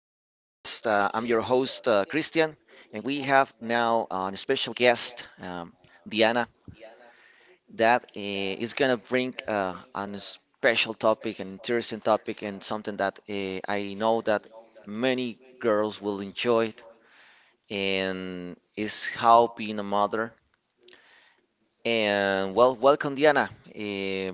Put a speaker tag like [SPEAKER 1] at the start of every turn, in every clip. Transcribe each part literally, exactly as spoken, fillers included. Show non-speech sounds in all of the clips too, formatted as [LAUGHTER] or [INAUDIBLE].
[SPEAKER 1] and we have now uh, a special guest, um, Diana, that uh, is going to bring uh, a special topic, an interesting topic, and something that uh, I know that many girls will enjoy it, and is how being a mother. And well, welcome, Diana. Uh,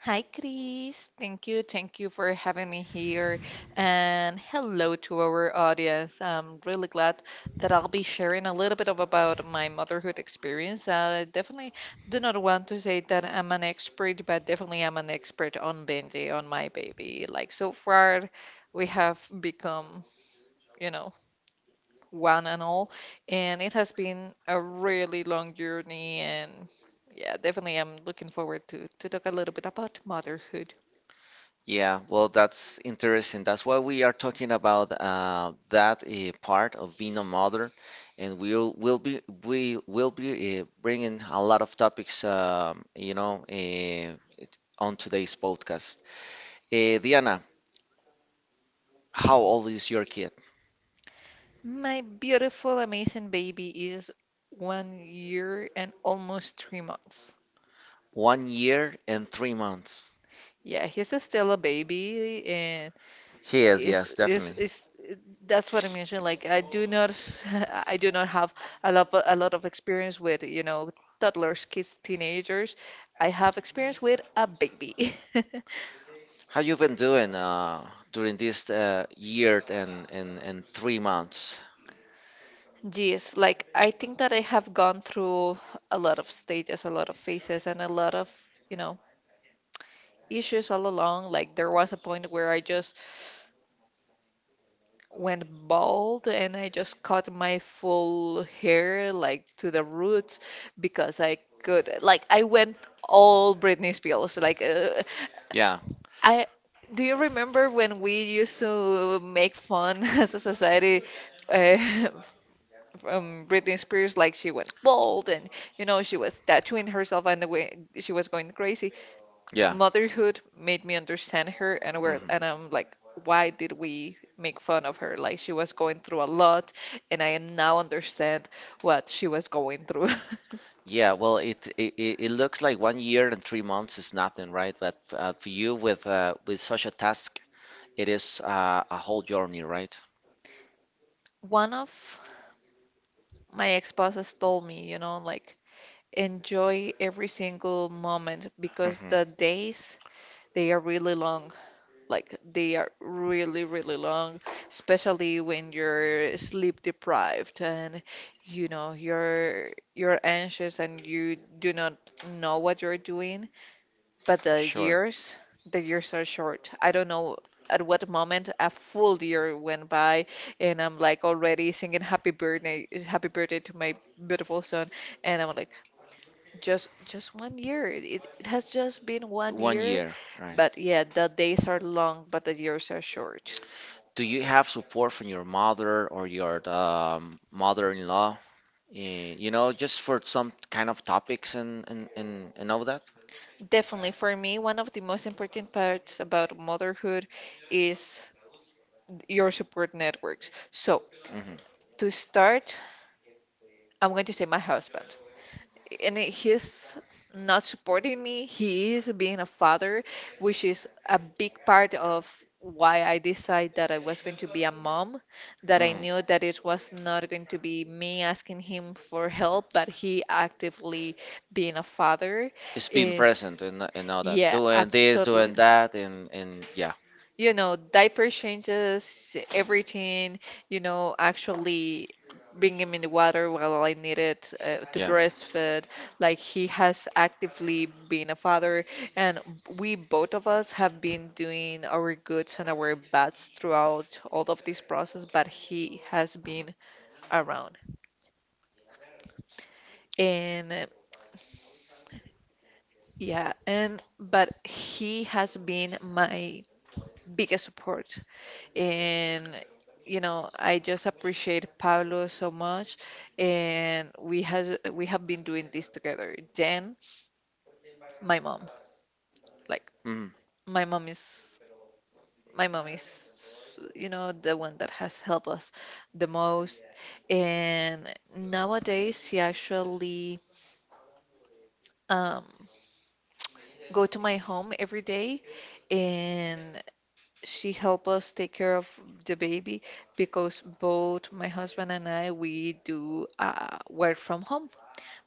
[SPEAKER 2] Hi, Chris. Thank you. Thank you for having me here. And hello to our audience. I'm really glad that I'll be sharing a little bit of about my motherhood experience. I definitely do not want to say that I'm an expert, but definitely I'm an expert on Benji, on my baby. Like so far, we have become, you know, one and all. And it has been a really long journey and yeah, definitely. I'm looking forward to to talk a little bit about motherhood.
[SPEAKER 1] Yeah, well, that's interesting. That's why we are talking about uh, that uh, part of being a mother, and we'll will be we will be uh, bringing a lot of topics, um, you know, uh, on today's podcast. Uh, Diana, how old is your kid?
[SPEAKER 2] My beautiful, amazing baby is one year and almost three months.
[SPEAKER 1] One year and three months.
[SPEAKER 2] Yeah, he's a- still a baby, and
[SPEAKER 1] He is,
[SPEAKER 2] is
[SPEAKER 1] yes,
[SPEAKER 2] is
[SPEAKER 1] definitely.
[SPEAKER 2] is that's what I mentioned. Like I do not, [LAUGHS] I do not have a lot a lot of experience with, you know, toddlers, kids, teenagers. I have experience with a baby.
[SPEAKER 1] How you been doing uh, during this uh, year and, and and three months?
[SPEAKER 2] [LAUGHS] Geez, like I think that I have gone through a lot of stages, a lot of phases, and a lot of, you know, issues all along. Like there was a point where I just went bald and I just cut my full hair like to the roots because I could like I went all Britney Spears like uh,
[SPEAKER 1] Yeah,
[SPEAKER 2] I do you remember when we used to make fun [LAUGHS] as a society uh, [LAUGHS] from Britney Spears like she went bald and you know she was tattooing herself and the way she was going crazy.
[SPEAKER 1] yeah.
[SPEAKER 2] Motherhood made me understand her and where
[SPEAKER 1] Hmm.
[SPEAKER 2] and I'm like why did we make fun of her like she was going through a lot and I now understand what she was going through.
[SPEAKER 1] Yeah, well, it, it it it looks like one year and three months is nothing, right? But uh, for you with uh, with such a task, it is uh, a whole journey, right?
[SPEAKER 2] [LAUGHS] One of my ex-bosses told me, you know, like enjoy every single moment because
[SPEAKER 1] Hmm.
[SPEAKER 2] the days they are really long. Like they are really, really long, especially when you're sleep deprived and you know you're you're anxious and you do not know what you're doing. But the
[SPEAKER 1] Sure.
[SPEAKER 2] years, the years are short. I don't know at what moment a full year went by, and I'm like already singing happy birthday, happy birthday to my beautiful son. And I'm like, just just one year. It, it has just been one
[SPEAKER 1] One
[SPEAKER 2] year
[SPEAKER 1] year, right?
[SPEAKER 2] but yeah, the days are long, but the years are short.
[SPEAKER 1] Do you have support from your mother or your um, mother-in-law? eh, You know, just for some kind of topics and and and, and all that?
[SPEAKER 2] Definitely, for me, one of the most important parts about motherhood is your support networks. So,
[SPEAKER 1] Mm-hmm.
[SPEAKER 2] to start, I'm going to say my husband. And he's not supporting me. He is being a father, which is a big part of why I decided that I was going to be a mom, that I knew that it was not going to be me asking him for help, but he actively being a father.
[SPEAKER 1] It's being
[SPEAKER 2] Eh,
[SPEAKER 1] present and and all that,
[SPEAKER 2] yeah,
[SPEAKER 1] doing this,
[SPEAKER 2] absolutely,
[SPEAKER 1] doing that, and and yeah,
[SPEAKER 2] you know, diaper changes, everything, you know, actually bring him in the water while I needed uh, to
[SPEAKER 1] yeah.
[SPEAKER 2] breastfeed. Like he has actively been a father, and we both of us have been doing our goods and our bads throughout all of this process, but he has been around. And uh, yeah, and but he has been my biggest support. And you know, I just appreciate Pablo so much, and we has we have been doing this together. Jen, my mom, like
[SPEAKER 1] Mm.
[SPEAKER 2] my mom is my mom is you know the one that has helped us the most. And nowadays, she actually um, go to my home every day, and she help us take care of the baby because both my husband and I we do uh, work from home.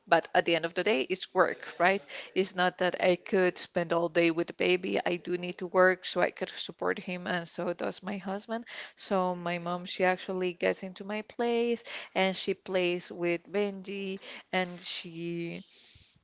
[SPEAKER 2] But at the end of the day, it's work, right? It's not that I could spend all day with the baby. I do need to work so I could support him, and so does my husband. So my mom, she actually gets into my place and she plays with Benji and she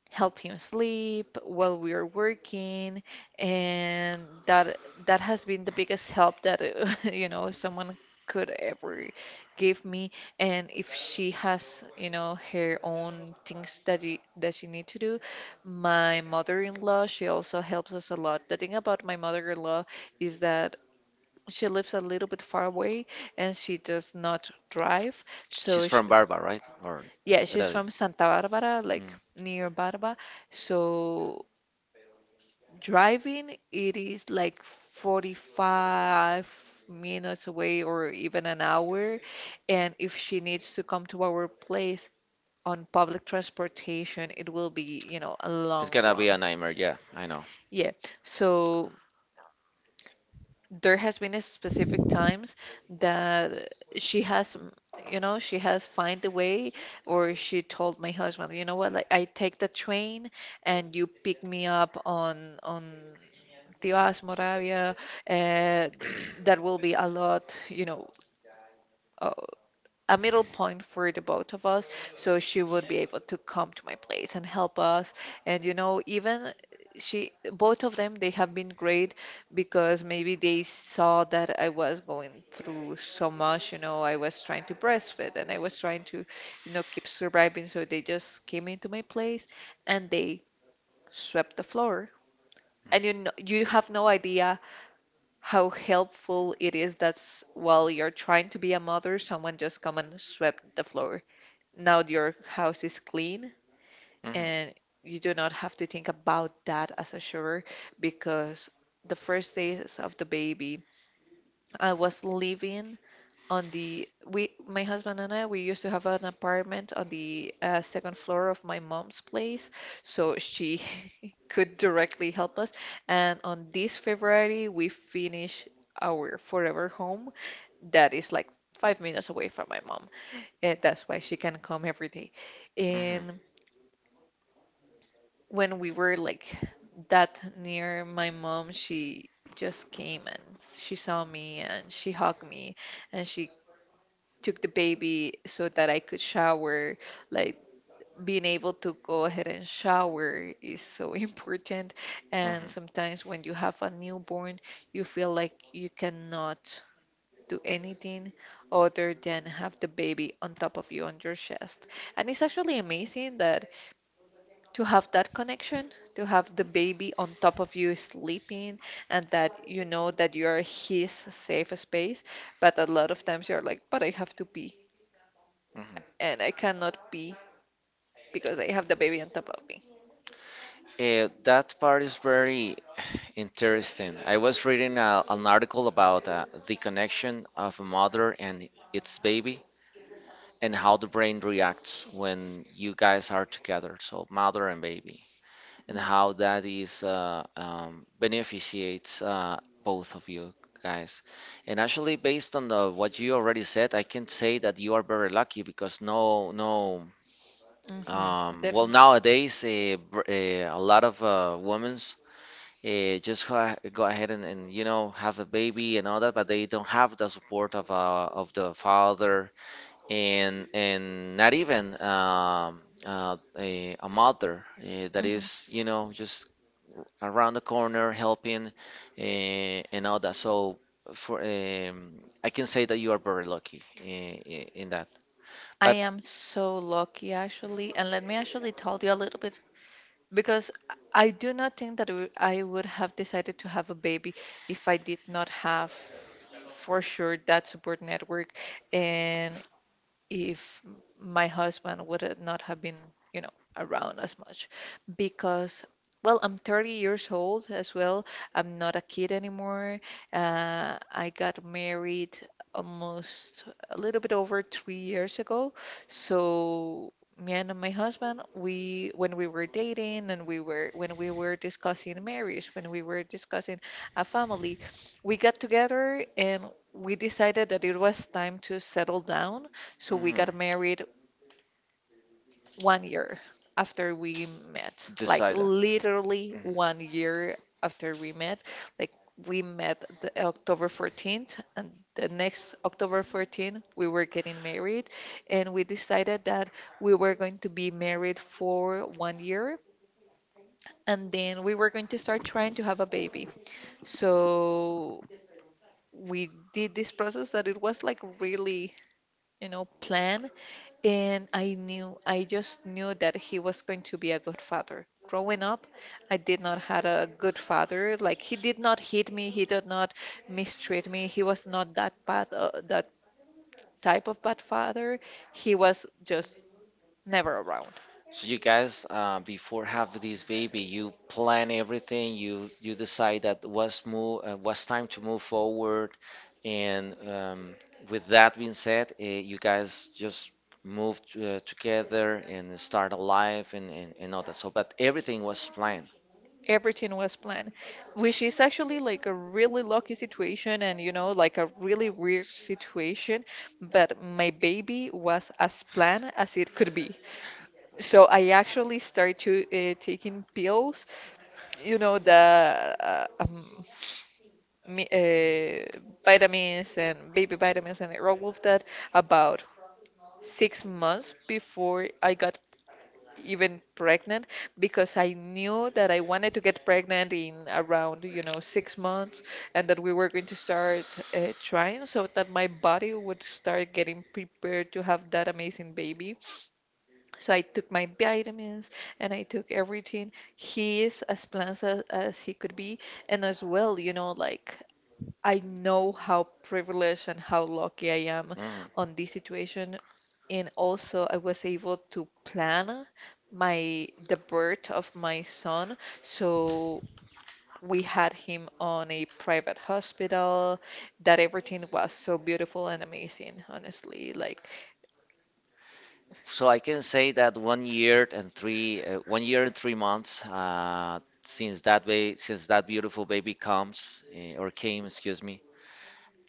[SPEAKER 2] help him sleep while we are working, and that that has been the biggest help that [LAUGHS] you know someone could ever give me. And if she has you know her own things that she, that she need to do, my mother-in-law she also helps us a lot. The thing about my mother-in-law is that she lives a little bit far away and she does not drive.
[SPEAKER 1] She's
[SPEAKER 2] So, sh
[SPEAKER 1] from Barba, right? Or
[SPEAKER 2] Yeah, she's
[SPEAKER 1] Heredia.
[SPEAKER 2] from Santa Barbara, like
[SPEAKER 1] Mm.
[SPEAKER 2] near Barba. So driving, it is like forty-five minutes away or even an hour. And if she needs to come to our place on public transportation, it will be, you know, a
[SPEAKER 1] It's
[SPEAKER 2] long
[SPEAKER 1] gonna be
[SPEAKER 2] run.
[SPEAKER 1] a nightmare. Yeah, I know.
[SPEAKER 2] Yeah. So there has been a specific times that she has, mm, you know, she has find a way, or she told my husband, you know what, like I take the train and you pick me up on on Tibás, Moravia, uh, that will be a lot, you know, uh, a middle point for the both of us. So she would be able to come to my place and help us. And, you know, even she, both of them, they have been great because maybe they saw that I was going through so much, you know, I was trying to breastfeed and I was trying to, you know, keep surviving. So they just came into my place and they swept the floor. And you know, you have no idea how helpful it is that's while you're trying to be a mother, someone just come and swept the floor. Now your house is clean
[SPEAKER 1] Hmm.
[SPEAKER 2] and you do not have to think about that as a chore because the first days of the baby, I was living on the we my husband and I we used to have an apartment on the uh, second floor of my mom's place, so she [LAUGHS] could directly help us. And on this February, we finish our forever home that is like five minutes away from my mom. And that's why she can come every day. And
[SPEAKER 1] Hmm.
[SPEAKER 2] when we were like that near my mom, she just came and she saw me and she hugged me and she took the baby so that I could shower. Like being able to go ahead and shower is so [LAUGHS] important. And sometimes when you have a newborn,
[SPEAKER 1] Hmm.
[SPEAKER 2] you feel like you cannot do anything other than have the baby on top of you on your chest. And it's actually amazing that to have that connection, to have the baby on top of you sleeping, and that you know that you're his safe space. But a lot of times you're like, but I have to pee
[SPEAKER 1] Mhm.
[SPEAKER 2] and I cannot pee because I have the baby on top of me.
[SPEAKER 1] Eh, that part is very interesting. I was reading a, an article about uh, the connection of a mother and its baby and how the brain reacts when you guys are together, so mother and baby, and how that is uh, um, beneficiates uh, both of you guys. And actually, based on the, what you already said, I can say that you are very lucky because no, no,
[SPEAKER 2] Mm-hmm,
[SPEAKER 1] um, well
[SPEAKER 2] definitely.
[SPEAKER 1] nowadays uh, br- uh, a lot of uh, women's uh, just go, a- go ahead and, and you know have a baby and all that, but they don't have the support of uh, of the father and and not even um, uh, a, a mother uh, that
[SPEAKER 2] Hmm
[SPEAKER 1] is you know just around the corner helping uh, and all that so for um, I can say that you are very lucky in, in that
[SPEAKER 2] I
[SPEAKER 1] but
[SPEAKER 2] am so lucky actually, and let me actually tell you a little bit because I do not think that w- I would have decided to have a baby if I did not have for sure that support network and if my husband would have not have been, you know, around as much because well, I'm thirty years old as well. I'm not a kid anymore. Uh, I got married almost a little bit over three years ago. So me and my husband, we when we were dating and we were when we were discussing marriage, when we were discussing a family, we got together and we decided that it was time to settle down, so we
[SPEAKER 1] mhm,
[SPEAKER 2] got married one year after we met, like
[SPEAKER 1] decide that.
[SPEAKER 2] literally
[SPEAKER 1] Mhm.
[SPEAKER 2] one year after we met. Like we met the October fourteenth, and the next October fourteenth, we were getting married, and we decided that we were going to be married for one year, and then we were going to start trying to have a baby. So we did this process that it was like really, you know, planned. And I knew, I just knew that he was going to be a good father. Growing up, I did not had a good father. Like he did not hit me, he did not mistreat me. He was not that bad, uh, that type of bad father. He was just never around.
[SPEAKER 1] So you guys, uh, before have this baby, you plan everything. You you decide that what's move, uh, what's time to move forward, and um, with that being said, uh, you guys just move to, uh, together and start a life and, and and all that. So, but everything was planned.
[SPEAKER 2] Everything was planned, which is actually like a really lucky situation and you know, like a really weird situation. But my baby was as planned as it could be. So
[SPEAKER 1] S-
[SPEAKER 2] I actually start to uh, taking pills, you know, the uh, um, mi uh, vitamins and baby vitamins and all of that about six months before I got even pregnant because I knew that I wanted to get pregnant in around, you know, six months and that we were going to start uh, trying so that my body would start getting prepared to have that amazing baby. So I took my vitamins and I took everything. He is as plans as, as he could be. And as well, you know, like I know how privileged and how lucky I am
[SPEAKER 1] Mhm.
[SPEAKER 2] on this situation. And also I was able to plan my the birth of my son. So we had him on a private hospital. That everything was so beautiful and amazing, honestly. Like,
[SPEAKER 1] So I can say that one year and three, uh, one year and three months uh, since that ba since that beautiful baby comes eh, or came, excuse me.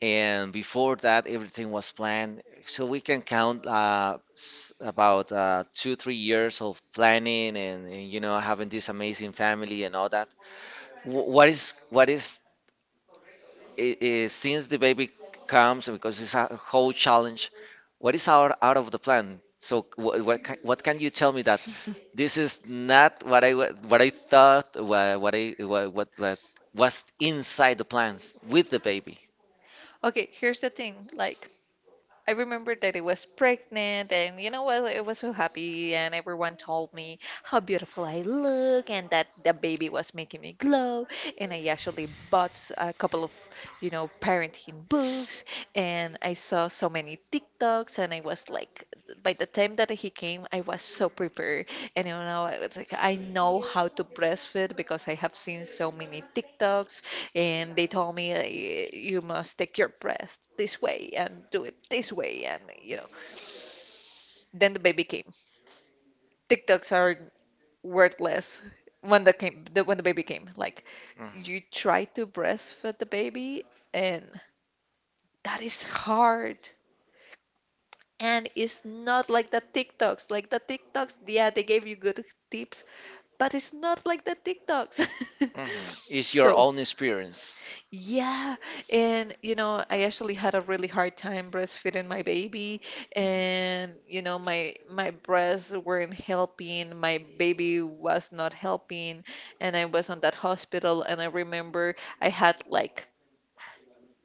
[SPEAKER 1] And before that, everything was planned. So we can count uh, s- about uh, two, three years of planning and, and you know having this amazing family and all that. Wh- What is what is i- i- since the baby comes because it's a whole challenge. What is out out of the plan? So what what, ca- what can you tell me that? This is not what I wa- what I thought wha- what I wha- what what was inside the plans with the baby.
[SPEAKER 2] okay, here's the thing, like I remember that I was pregnant, and you know what? I was so happy, and everyone told me how beautiful I look, and that the baby was making me glow. And I actually bought s- a couple of, you know, parenting books, and I saw so many TikToks, and I was like, by the time that he came, I was so prepared, and you know, I was like, I know how to breastfeed because I have seen so many TikToks and they told me, uh, y- you must take your breath this way and do it this way. And, you know, then the baby came. TikToks are worthless when the came the, when the baby came. Like you try to breastfeed the baby, and that is hard. And it's not like the TikToks. Like the TikToks, yeah, they gave you good tips, but it's not like the TikToks.
[SPEAKER 1] Mm-hmm.
[SPEAKER 2] [LAUGHS]
[SPEAKER 1] It's your
[SPEAKER 2] So,
[SPEAKER 1] own experience.
[SPEAKER 2] yeah,
[SPEAKER 1] Yes.
[SPEAKER 2] and you know, I actually had a really hard time breastfeeding my baby, and
[SPEAKER 1] Mhm.
[SPEAKER 2] you know, my my breasts weren't helping, my baby was not helping, and I was on that hospital, and I remember I had like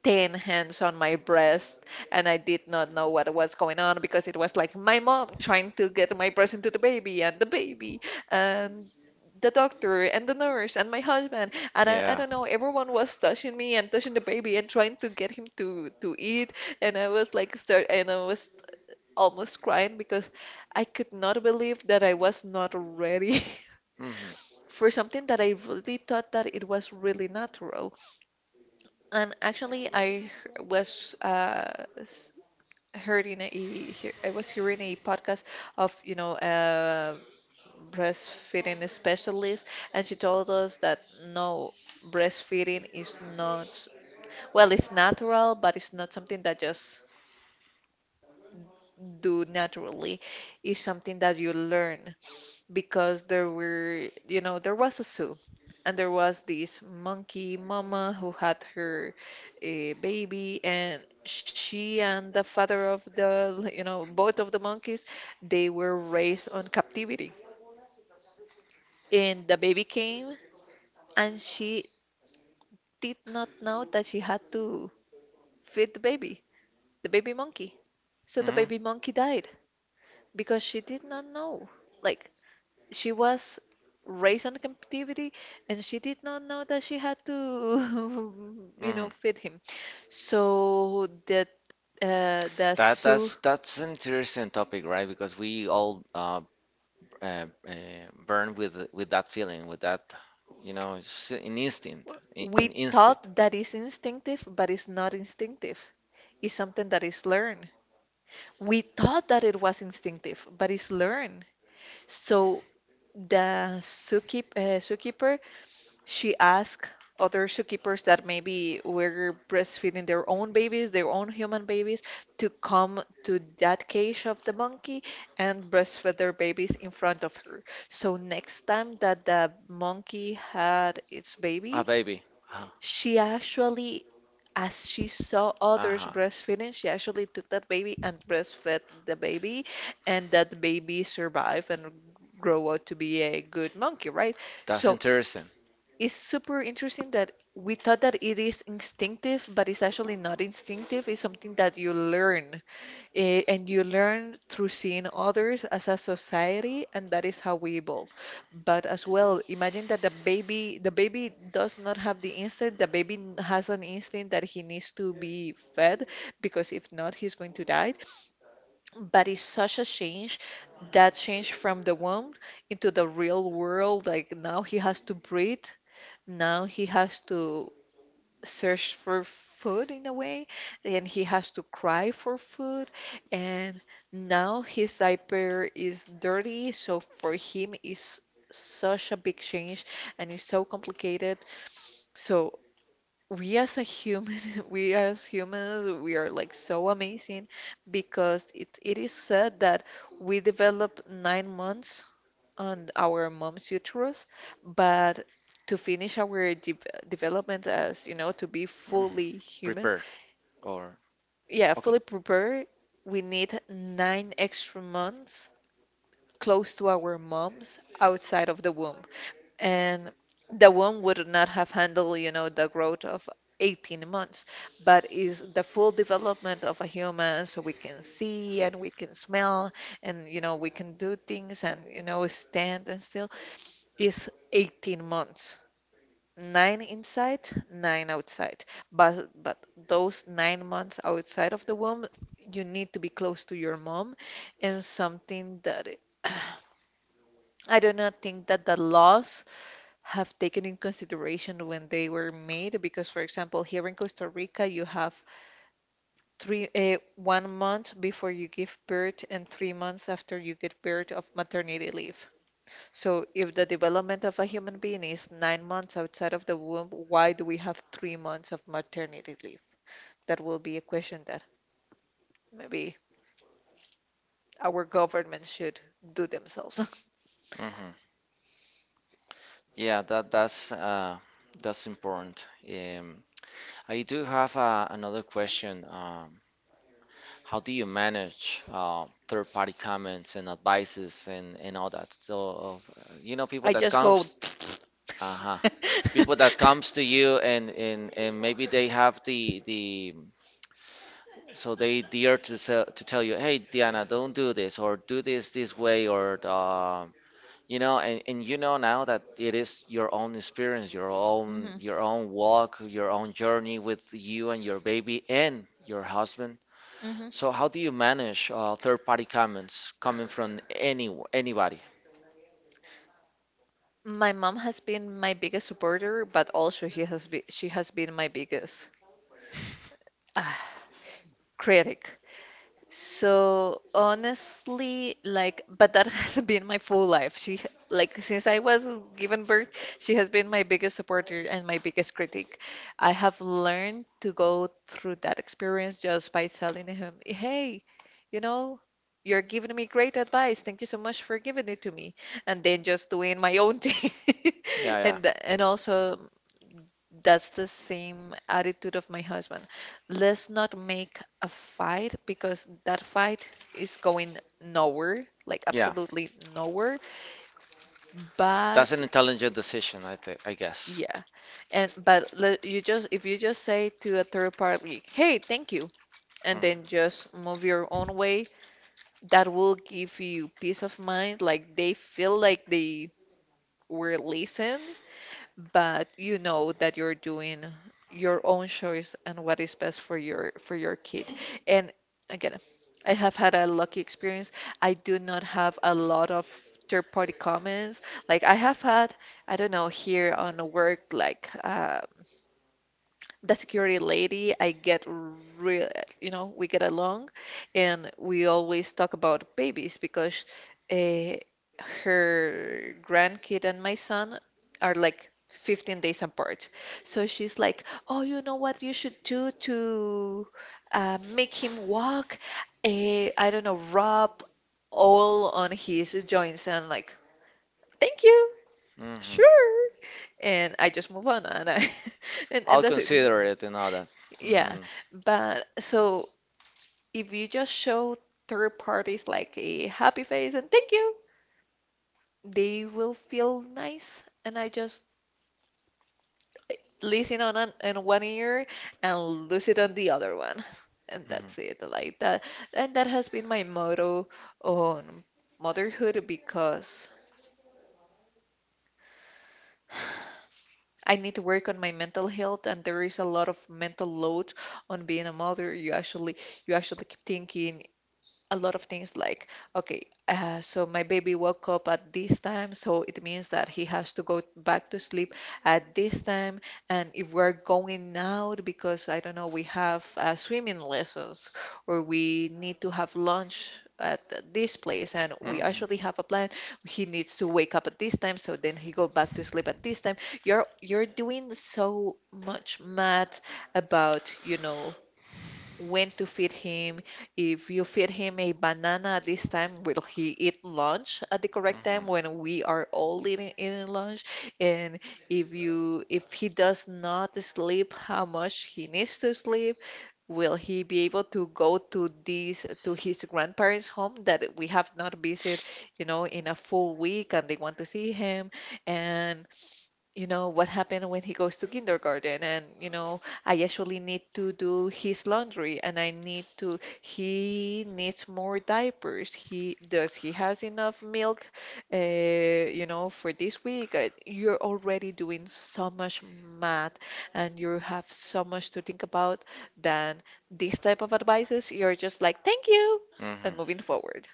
[SPEAKER 2] ten hands on my breast, and I did not know what was going on because it was like my mom trying to get my breast into the baby and the baby and the doctor and the nurse and my husband and I, I
[SPEAKER 1] Yeah.
[SPEAKER 2] don't know, everyone was touching me and touching the baby and trying to get him to to eat, and I was like start and I was almost crying because I could not believe that I was not ready
[SPEAKER 1] Mm-hmm.
[SPEAKER 2] [LAUGHS] for something that I really thought that it was really natural. And actually, I h- was uh, s- hearing a he- I was hearing a podcast of, you know, a breastfeeding specialist, and she told us that no, breastfeeding is not, well, it's natural, but it's not something that just do naturally. It's something that you learn. Because there were, you know, there was a zoo, and there was this monkey mama who had her uh, baby, and she and the father of the, you know, both of the monkeys, they were raised on captivity. And the baby came, and she did not know that she had to feed the baby, the baby monkey. So the
[SPEAKER 1] Mm-hmm.
[SPEAKER 2] baby monkey died because she did not know. Like, she was raised on captivity and she did not know that she had to, [LAUGHS] you know,
[SPEAKER 1] Mm-hmm.
[SPEAKER 2] feed him. So that uh, the
[SPEAKER 1] That that's
[SPEAKER 2] zoo,
[SPEAKER 1] that's an interesting topic, right? Because we all uh, uh, uh, born with with that feeling, with that, you know, it's an instinct, in
[SPEAKER 2] we
[SPEAKER 1] an instinct.
[SPEAKER 2] thought that is instinctive, but it's not instinctive. It's something that is learned. We thought that it was instinctive, but it's learned. So the zookeep, uh, zookeeper she asked other zookeepers that maybe were breastfeeding their own babies, their own human babies, to come to that cage of the monkey and breastfeed their babies in front of her. So next time that the monkey had its
[SPEAKER 1] A
[SPEAKER 2] baby,
[SPEAKER 1] baby. Uh, huh.
[SPEAKER 2] she actually, as she saw others
[SPEAKER 1] Uh-huh.
[SPEAKER 2] breastfeeding, she actually took that baby and breastfed the baby, and that baby survived and grow out to be a good monkey, right?
[SPEAKER 1] That's
[SPEAKER 2] So
[SPEAKER 1] interesting.
[SPEAKER 2] it's super interesting that we thought that it is instinctive, but it's actually not instinctive. It's something that you learn, eh, and you learn through seeing others as a society, and that is how we evolve. But as well, imagine that the baby, the baby does not have the instinct. The baby n- has an instinct that he needs to be fed because if not, he's going to die. But it's such a change, that change from the womb into the real world. Like now, he has to breathe, now he has to search for food in a way, and he has to cry for food, and now his diaper is dirty, so for him is such a big change and it's so complicated. So we as a human, [LAUGHS] we as humans, we are like so amazing because it, it is said that we develop nine months on our mom's uterus, but to finish our de development as, you know, to be
[SPEAKER 1] Mhm.
[SPEAKER 2] fully human,
[SPEAKER 1] Prepare or
[SPEAKER 2] yeah,
[SPEAKER 1] okay.
[SPEAKER 2] fully prepared, we need nine extra months close to our moms outside of the womb. And the womb would not have handled, you know, the growth of eighteen months, but is the full development of a human so we can see and we can smell and, you know, we can do things and, you know, stand and is eighteen months. Nine inside, nine outside. But but those nine months outside of the womb, you need to be close to your mom, and something that it- I do not think that the laws have taken in consideration when they were made because for example, here in Costa Rica, you have three uh, one month before you give birth and three months after you get birth of maternity leave. So, if the development of a human being is nine months outside of the womb, why do we have three months of maternity leave? That will be a question that maybe our government should do themselves.
[SPEAKER 1] Hmm. Yeah, that that's uh that's important. Um, I do have uh, another question. Um, How do you manage uh, third-party comments and advices and, and all that? So, of, uh, you know,
[SPEAKER 2] [LAUGHS]
[SPEAKER 1] people
[SPEAKER 2] I
[SPEAKER 1] that
[SPEAKER 2] just go.
[SPEAKER 1] comes, uh-huh, people
[SPEAKER 2] [LAUGHS]
[SPEAKER 1] that comes to you and, and, and maybe they have the the so they dare to sell, to tell you, hey, Diana, don't do this or do this this way or uh, you know, and, and you know now that it is your own experience, your own
[SPEAKER 2] Mhm,
[SPEAKER 1] your own walk, your own journey with you and your baby and your husband
[SPEAKER 2] mhm.
[SPEAKER 1] so how do you manage uh, third-party comments coming from any anybody?
[SPEAKER 2] My mom has been my biggest supporter, but also he has been she has been my biggest ah, critic. So honestly, like, but that [LAUGHS] has been my full life. She, like, since I was given birth, she has been my biggest supporter and my biggest critic. I have learned to go through that experience just by telling him, hey, you know, you're giving me great advice. Thank you so much for giving it to me. And then just doing my own thing.
[SPEAKER 1] Yeah,
[SPEAKER 2] [LAUGHS]
[SPEAKER 1] yeah,
[SPEAKER 2] And and also that's the same attitude of my husband. Let's not make a fight because that fight is going nowhere, like
[SPEAKER 1] yeah.
[SPEAKER 2] absolutely nowhere.
[SPEAKER 1] That's an
[SPEAKER 2] But
[SPEAKER 1] intelligent decision, I think. I guess.
[SPEAKER 2] yeah, and but le- you just, if you just say to a third party, "Hey, thank you," and
[SPEAKER 1] Mm.
[SPEAKER 2] then just move your own way, that will give you peace of mind. Like they feel like they were listened but you know that you're doing your own choice and what is best for your for your kid. And again, I have had a lucky experience. I do not have a lot of third party comments. Like I have had, I don't know, here on the work, like uh, the security lady, I get real, you know, we get along, and we always talk about babies because uh, her grandkid and my son are like fifteen days apart. So she's like, "Oh, you know what you should do to uh, make him walk? Uh, I don't know, rub oil on his joints." And I'm like, "Thank you,
[SPEAKER 1] Mhm.
[SPEAKER 2] sure." And I just move on, and I, [LAUGHS] and, and
[SPEAKER 1] I'll
[SPEAKER 2] that's it.
[SPEAKER 1] consider it and all that.
[SPEAKER 2] Yeah,
[SPEAKER 1] Mhm.
[SPEAKER 2] but so if you just show third parties like a happy face and thank you, they will feel nice. And I just listen on an, in one ear and lose it on the other one. [LAUGHS] And
[SPEAKER 1] Mhm.
[SPEAKER 2] that's it, like that. And that has been my motto on motherhood because I need to work on my mental health and there is a lot of mental load on being a mother. You actually you actually keep thinking a lot of things like, okay, uh, so my baby woke up at this time, so it means that he has to go back to sleep at this time. And if we're going out because I don't know, we have uh, swimming lessons or we need to have lunch at th- this place and we actually have
[SPEAKER 1] Mhm.
[SPEAKER 2] a plan, he needs to wake up at this time so then he go back to sleep at this time, you're you're doing so much math about, you know, when to feed him. If you feed him a banana at this time, will he eat lunch at the correct time when we are all eating, eating lunch? And if you if he does not sleep, how much he needs to sleep? Will he be able to go to these to his grandparents' home that we have not visited, you know, in a full week and they want to see him? And you know, what happened when he goes to kindergarten. And, you know, I actually need to do his laundry and I need to, he needs more diapers. He does he has enough milk, uh, you know, for this week? Uh, You're already doing so much math and you have so much to think about. Then these type of advices, you're just like, thank you, and
[SPEAKER 1] Mhm.
[SPEAKER 2] moving forward.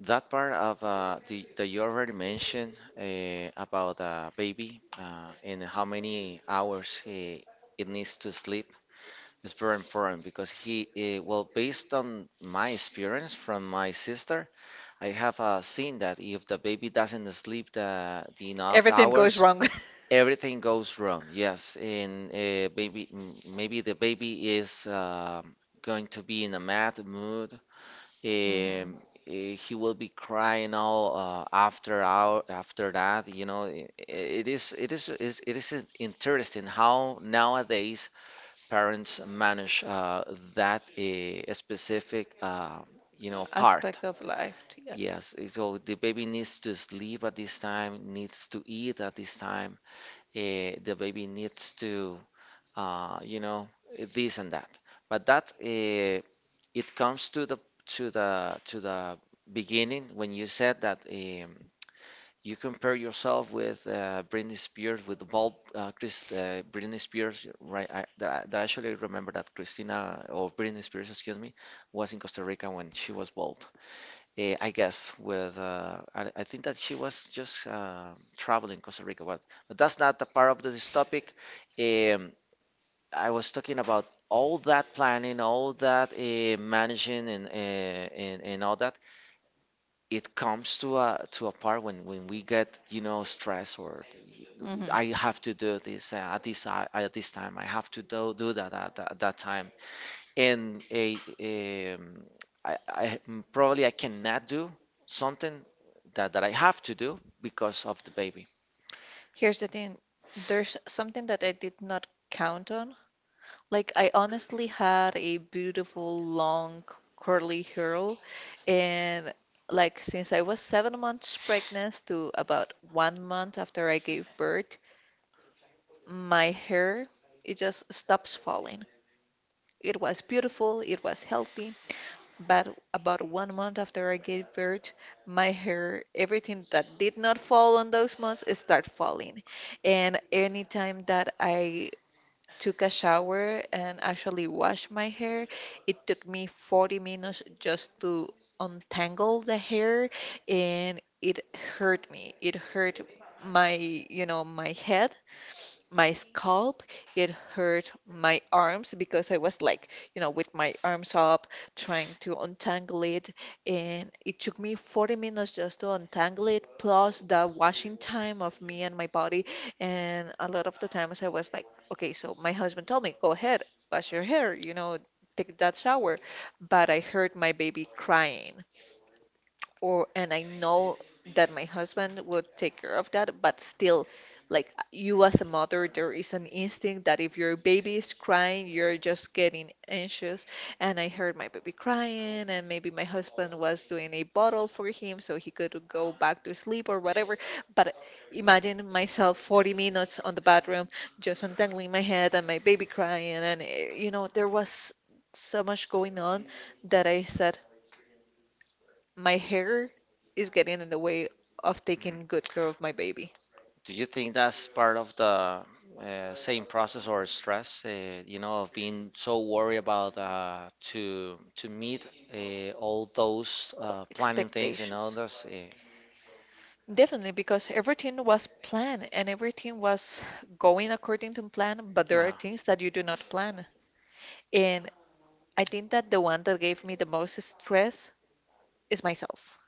[SPEAKER 1] That part of uh, the that you already mentioned uh, about a baby uh, and how many hours he, it needs to sleep is very important because he, uh, well, based on my experience from my sister, I have uh, seen that if the baby doesn't sleep the, the enough
[SPEAKER 2] Everything goes
[SPEAKER 1] hours,
[SPEAKER 2] wrong.
[SPEAKER 1] everything goes wrong. Yes, and uh, maybe m- maybe the baby is um going to be in a mad mood um,
[SPEAKER 2] [LAUGHS] Hmm.
[SPEAKER 1] eh, he will be crying all uh, after hour after that. You know, i- i- it is it is it is it is in- interesting how nowadays parents manage uh, that uh, specific uh, you know part.
[SPEAKER 2] Aspect of life, yeah.
[SPEAKER 1] Yes, eh, so the baby needs to sleep at this time, needs to eat at this time. Uh, the baby needs to uh, you know, this and that. But that uh, it comes to the to the to the beginning when you said that um, you compare yourself with uh, Britney Spears with the bald uh, Chris uh, Britney Spears, right? I, that, that I actually remember that Christina or Britney Spears, excuse me, was in Costa Rica when she was bald. Eh, I guess with uh, I, I think that she was just uh, traveling Costa Rica, but, but that's not the part of this topic. Um, I was talking about all that planning, all that uh, managing, and, uh, and and all that. It comes to a to a part when when we get you know stress or
[SPEAKER 2] Hmm.
[SPEAKER 1] I have to do this uh, at this uh, at this time. I have to do do that at, tha- at that time. And a um, I, I mm, probably I cannot do something that that I have to do because of the baby.
[SPEAKER 2] Here's the thing. There's something that I did not count on. Like, I honestly had a beautiful, long, curly hair. And, like, since I was seven months pregnant to about one month after I gave birth, my hair, it just stops falling. It was beautiful, it was healthy, but about one month after I gave birth, my hair, everything that did not fall on those months, it started falling. And anytime that I took a shower and actually washed my hair, it took me forty minutes just to untangle the hair, and it hurt me. It hurt my, you know, my head my scalp, it hurt my arms because I was like, you know, with my arms up trying to untangle it. And it took me forty minutes just to untangle it, plus the washing time of me and my body. And a lot of the times I was like, okay, so my husband told me, go ahead, wash your hair, you know, Take that shower. But I heard my baby crying. Or, and I know that my husband would take care of that, but still, like you as a mother, there is an instinct that if your baby is crying, you're just getting anxious. And I heard my baby crying, and maybe my husband was doing a bottle for him so he could go back to sleep or whatever. But imagine myself forty minutes on the bathroom, just untangling my head and my baby crying, and eh, you know, there was so much going on that I said, my hair is getting in the way of taking good care of
[SPEAKER 1] Mhm.
[SPEAKER 2] my baby.
[SPEAKER 1] Do you think that's part of the uh, same process or stress, uh, you know, of being so worried about uh, to to meet uh, all those uh, planning things and all
[SPEAKER 2] Expectations.
[SPEAKER 1] those, uh,
[SPEAKER 2] Definitely, because everything was planned and everything was going according to plan, but there are
[SPEAKER 1] uh
[SPEAKER 2] things that you do not plan. And I think that the one that gave me the most stress is myself.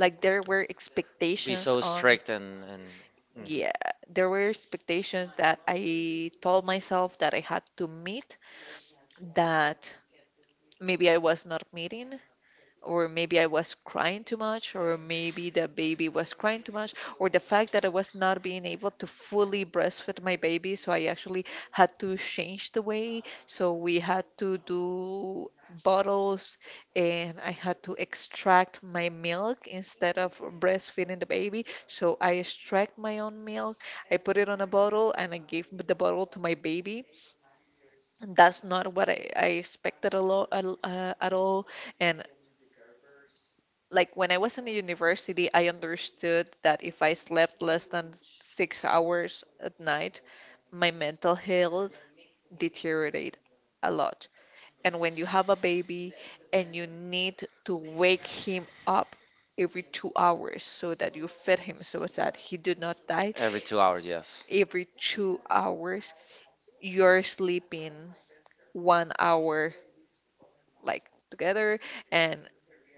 [SPEAKER 2] Like there were
[SPEAKER 1] Be
[SPEAKER 2] expectations
[SPEAKER 1] so
[SPEAKER 2] on,
[SPEAKER 1] strict and and mhm.
[SPEAKER 2] yeah, there were expectations that I told myself that I had to meet that maybe I was not meeting, or maybe I was crying too much, or maybe the baby was crying too much, or the fact that I was not being able to fully breastfeed my baby, so I actually had to change the way. So we had to do bottles, and I had to extract my milk instead of breastfeeding the baby. So I extract my own milk, I put it on a bottle, and I gave the bottle to my baby. That's not what I, I expected a lot, at all, and like when I was in the university, I understood that if I slept less than six hours at night, my mental health deteriorate a lot. And when you have a baby and you need to wake him up every two hours so that you feed him so that he do not die,
[SPEAKER 1] Every two hours, yes.
[SPEAKER 2] every two hours you're sleeping one hour like together, and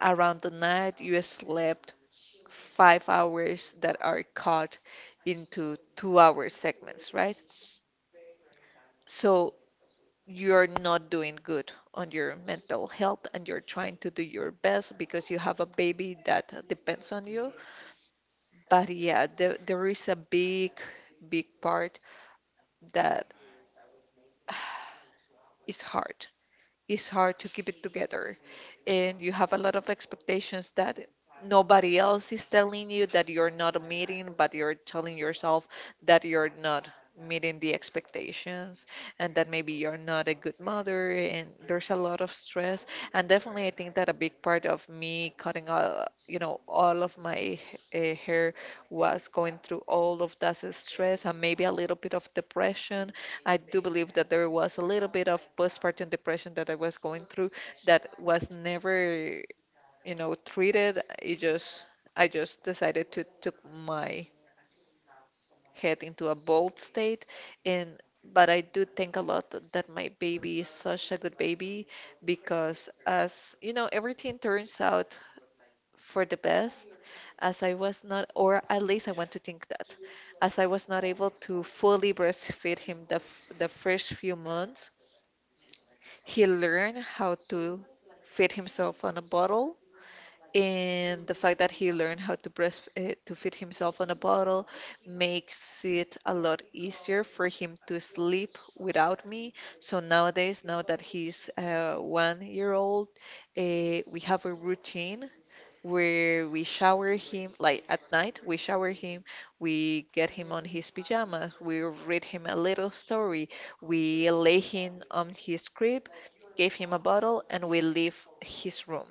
[SPEAKER 2] around the night you sleep five hours that are cut into two hour segments, right? So you're not doing good on your mental health, and you're trying to do your best because you have a baby that depends on you. But yeah, there, there is a big, big part that is hard. It's hard to keep it together. And you have a lot of expectations that nobody else is telling you that you're not meeting, but you're telling yourself that you're not meeting the expectations, and that maybe you're not a good mother. And there's a lot of stress. And definitely, I think that a big part of me cutting all, you know, all of my uh, hair was going through all of that stress, and maybe a little bit of depression. I do believe that there was a little bit of postpartum depression that I was going through that was never, you know, treated. It just, I just decided to took my head into a bold state, and but I do think a lot that my baby is such a good baby because as you know, everything turns out for the best. As I was not, or at least I want to think that, as I was not able to fully breastfeed him the f the first few months, he learned how to fit himself on a bottle, and the fact that he learned how to breast uh, to fit himself on a bottle makes it a lot easier for him to sleep without me. So nowadays, now that he's uh, one year old, uh, we have a routine where we shower him, like at night, we shower him, we get him on his pajamas, we read him a little story, we lay him on his crib, gave him a bottle, and we leave his room.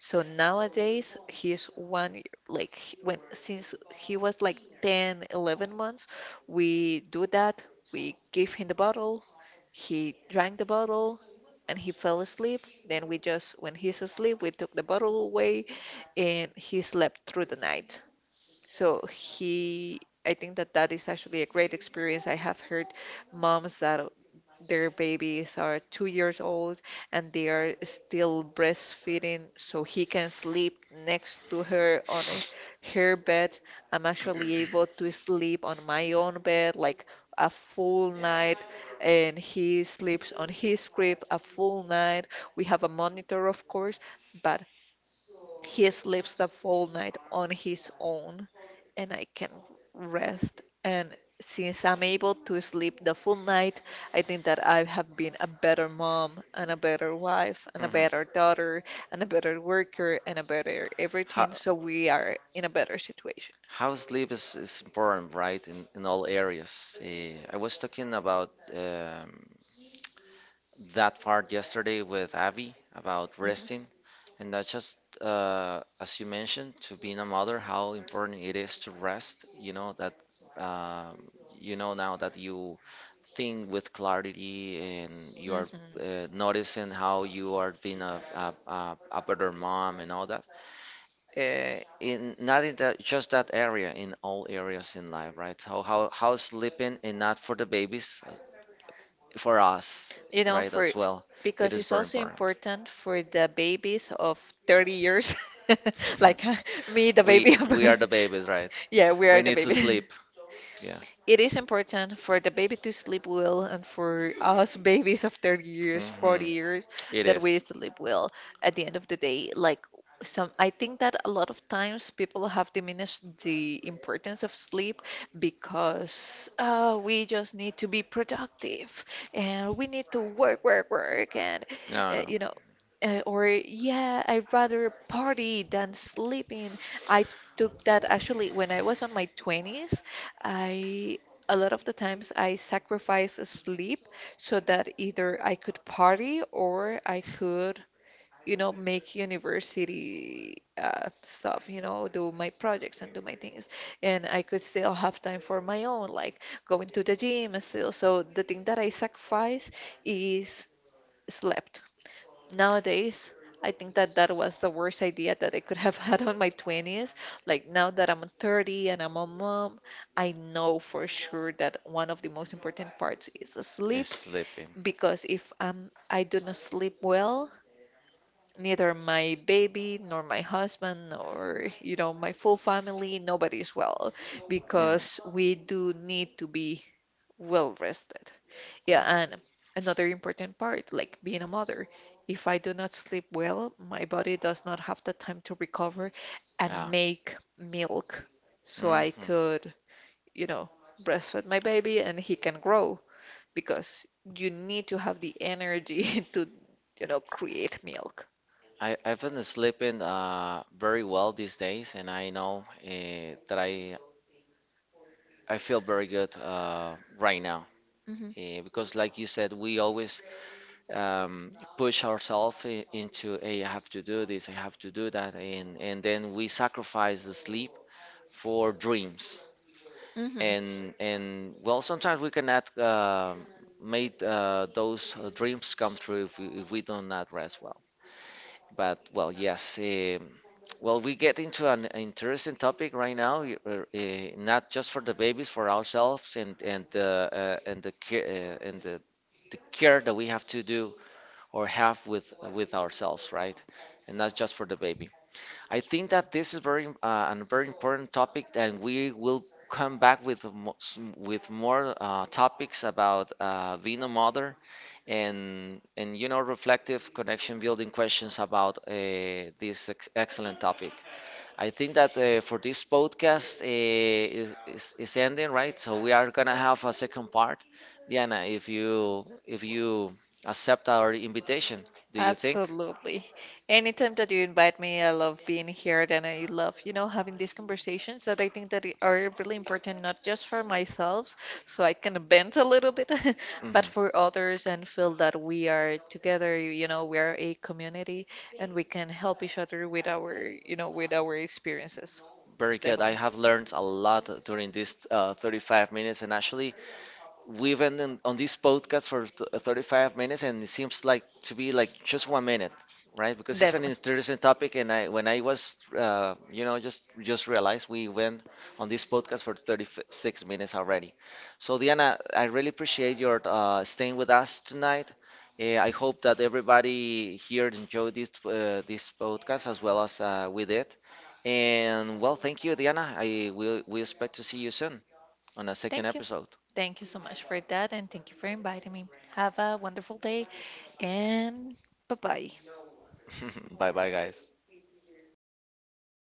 [SPEAKER 2] So nowadays, he's one, like he- when since he was like ten, eleven months, we do that. We give him the bottle, he drank the bottle, and he fell asleep. Then we just, when he's asleep, we took the bottle away and he slept through the night. So he, I think that that is actually a great experience. I have heard moms that their babies are two years old and they are still breastfeeding, so he can sleep next to her on a, her bed. I'm actually able to sleep on my own bed, like a full night, and he sleeps on his crib a full night. We have a monitor of course, but he sleeps the full night on his own, and I can rest. And since I'm able to sleep the full night, I think that I have been a better mom and a better wife and a
[SPEAKER 1] Mhm.
[SPEAKER 2] better daughter and a better worker and a better everything.
[SPEAKER 1] Ho-
[SPEAKER 2] So we are in a better situation.
[SPEAKER 1] How sleep is, is important, right? In, in all areas. Eh, I was talking about um, that part yesterday with Abby about
[SPEAKER 2] Hmm.
[SPEAKER 1] resting, and that just uh, as you mentioned, to being a mother, how important it is to rest. You know that um, you know now that you think with clarity and you are
[SPEAKER 2] Hmm.
[SPEAKER 1] uh, noticing how you are being a, a, a, a better mom and all that. Uh, in not in that just that area, in all areas in life, right? How how how sleeping and not for the babies, uh, for us,
[SPEAKER 2] You know,
[SPEAKER 1] right?
[SPEAKER 2] for
[SPEAKER 1] As well, it
[SPEAKER 2] because
[SPEAKER 1] is
[SPEAKER 2] it's
[SPEAKER 1] very
[SPEAKER 2] also
[SPEAKER 1] important.
[SPEAKER 2] important for the babies of thirty years, [LAUGHS] like uh, me, the
[SPEAKER 1] [LAUGHS] We
[SPEAKER 2] baby of.
[SPEAKER 1] we are
[SPEAKER 2] [LAUGHS]
[SPEAKER 1] the babies, right?
[SPEAKER 2] Yeah, we
[SPEAKER 1] We
[SPEAKER 2] are the
[SPEAKER 1] need to
[SPEAKER 2] baby.
[SPEAKER 1] sleep. Yeah.
[SPEAKER 2] It is important for the baby to sleep well, and for us babies of thirty years, forty
[SPEAKER 1] Mm-hmm.
[SPEAKER 2] years,
[SPEAKER 1] It
[SPEAKER 2] that we
[SPEAKER 1] is.
[SPEAKER 2] sleep well at the end of the day. Like some, I think that a lot of times people have diminished the importance of sleep because uh, we just need to be productive and we need to work, work, work, and
[SPEAKER 1] No,
[SPEAKER 2] uh,
[SPEAKER 1] no.
[SPEAKER 2] you know, uh, or yeah, I'd rather party than sleeping. I took that actually when I was on my twenties. I a lot of the times I sacrifice sleep so that either I could party or I could, you know, make university uh, stuff, you know, do my projects and do my things. And I could still have time for my own, like going to the gym and still. So the thing that I sacrifice is slept. Nowadays, I think that that was the worst idea that I could [LAUGHS] have had on
[SPEAKER 1] Mm.
[SPEAKER 2] my twenties. Like now that I'm thirty and I'm a mom, I know for sure that one of the most important parts is
[SPEAKER 1] It's
[SPEAKER 2] sleep
[SPEAKER 1] sleeping.
[SPEAKER 2] because if I'm, I do not sleep well, neither my baby nor my husband or you know my full family, nobody is well because we
[SPEAKER 1] Hmm.
[SPEAKER 2] do need to be well rested. Yeah,
[SPEAKER 1] Yeah.
[SPEAKER 2] and another important part, like being a mother. If I do not sleep well, my body does not have the time to recover and
[SPEAKER 1] Yeah.
[SPEAKER 2] make milk so I
[SPEAKER 1] Hmm.
[SPEAKER 2] could, you know, breastfeed my baby and he can grow because you need to have the energy [LAUGHS] to, you know, create milk.
[SPEAKER 1] I, I've been sleeping uh, very well these days, and I know uh, that I I feel very good uh, right now uh, because, like you said, we always um, push ourselves into, hey, I have to do this, I have to do that, and and then we sacrifice the sleep for dreams,
[SPEAKER 2] Mm-hmm.
[SPEAKER 1] and and well, sometimes we cannot uh, make uh, those uh, dreams come true if we, if we do not rest well. But well, yes. Um, well, we get into an interesting topic right now, y- uh, uh, not just for the babies, for ourselves, and and the uh, and the care uh, and the, the care that we have to do or have with with ourselves, right? And not just for the baby. I think that this is very im- uh, a very important topic, and we will come back with mo- s- with more uh, topics about uh, being a mother and and you know reflective connection building questions about uh, this ex- excellent topic. I think that uh, for this podcast uh, is, is, is ending, right? So we are gonna have a second part. Diana, if you if you accept our invitation, do you think?
[SPEAKER 2] Absolutely. Anytime that you invite me, I love being here and I love, you know, having these conversations that I think that i- are really important, not just for myself, so I can bend a little bit, [LAUGHS] but for
[SPEAKER 1] Hmm.
[SPEAKER 2] others and feel that we are together, you know, we are a community and we can help each other with our, you know, with our experiences.
[SPEAKER 1] Very good. I
[SPEAKER 2] Definitely.
[SPEAKER 1] have learned a lot during this uh, thirty-five minutes, and actually we've been in, on this podcast for th- uh, thirty-five minutes, and it seems like to be like just one minute, right? Because it's an
[SPEAKER 2] Definitely.
[SPEAKER 1] interesting topic, and I when I was uh, you know just just realized we went on this podcast for thirty-six minutes already. So Diana, I really appreciate your uh, staying with us tonight. uh, I hope that everybody here enjoyed this uh, this podcast as well as uh, we did. And well, thank you, Diana. I will we expect to see you soon on a second
[SPEAKER 2] Thank you.
[SPEAKER 1] episode.
[SPEAKER 2] Thank you so much for that and thank you for inviting me. Have a wonderful day. And bye bye.
[SPEAKER 1] [LAUGHS] Bye bye, guys.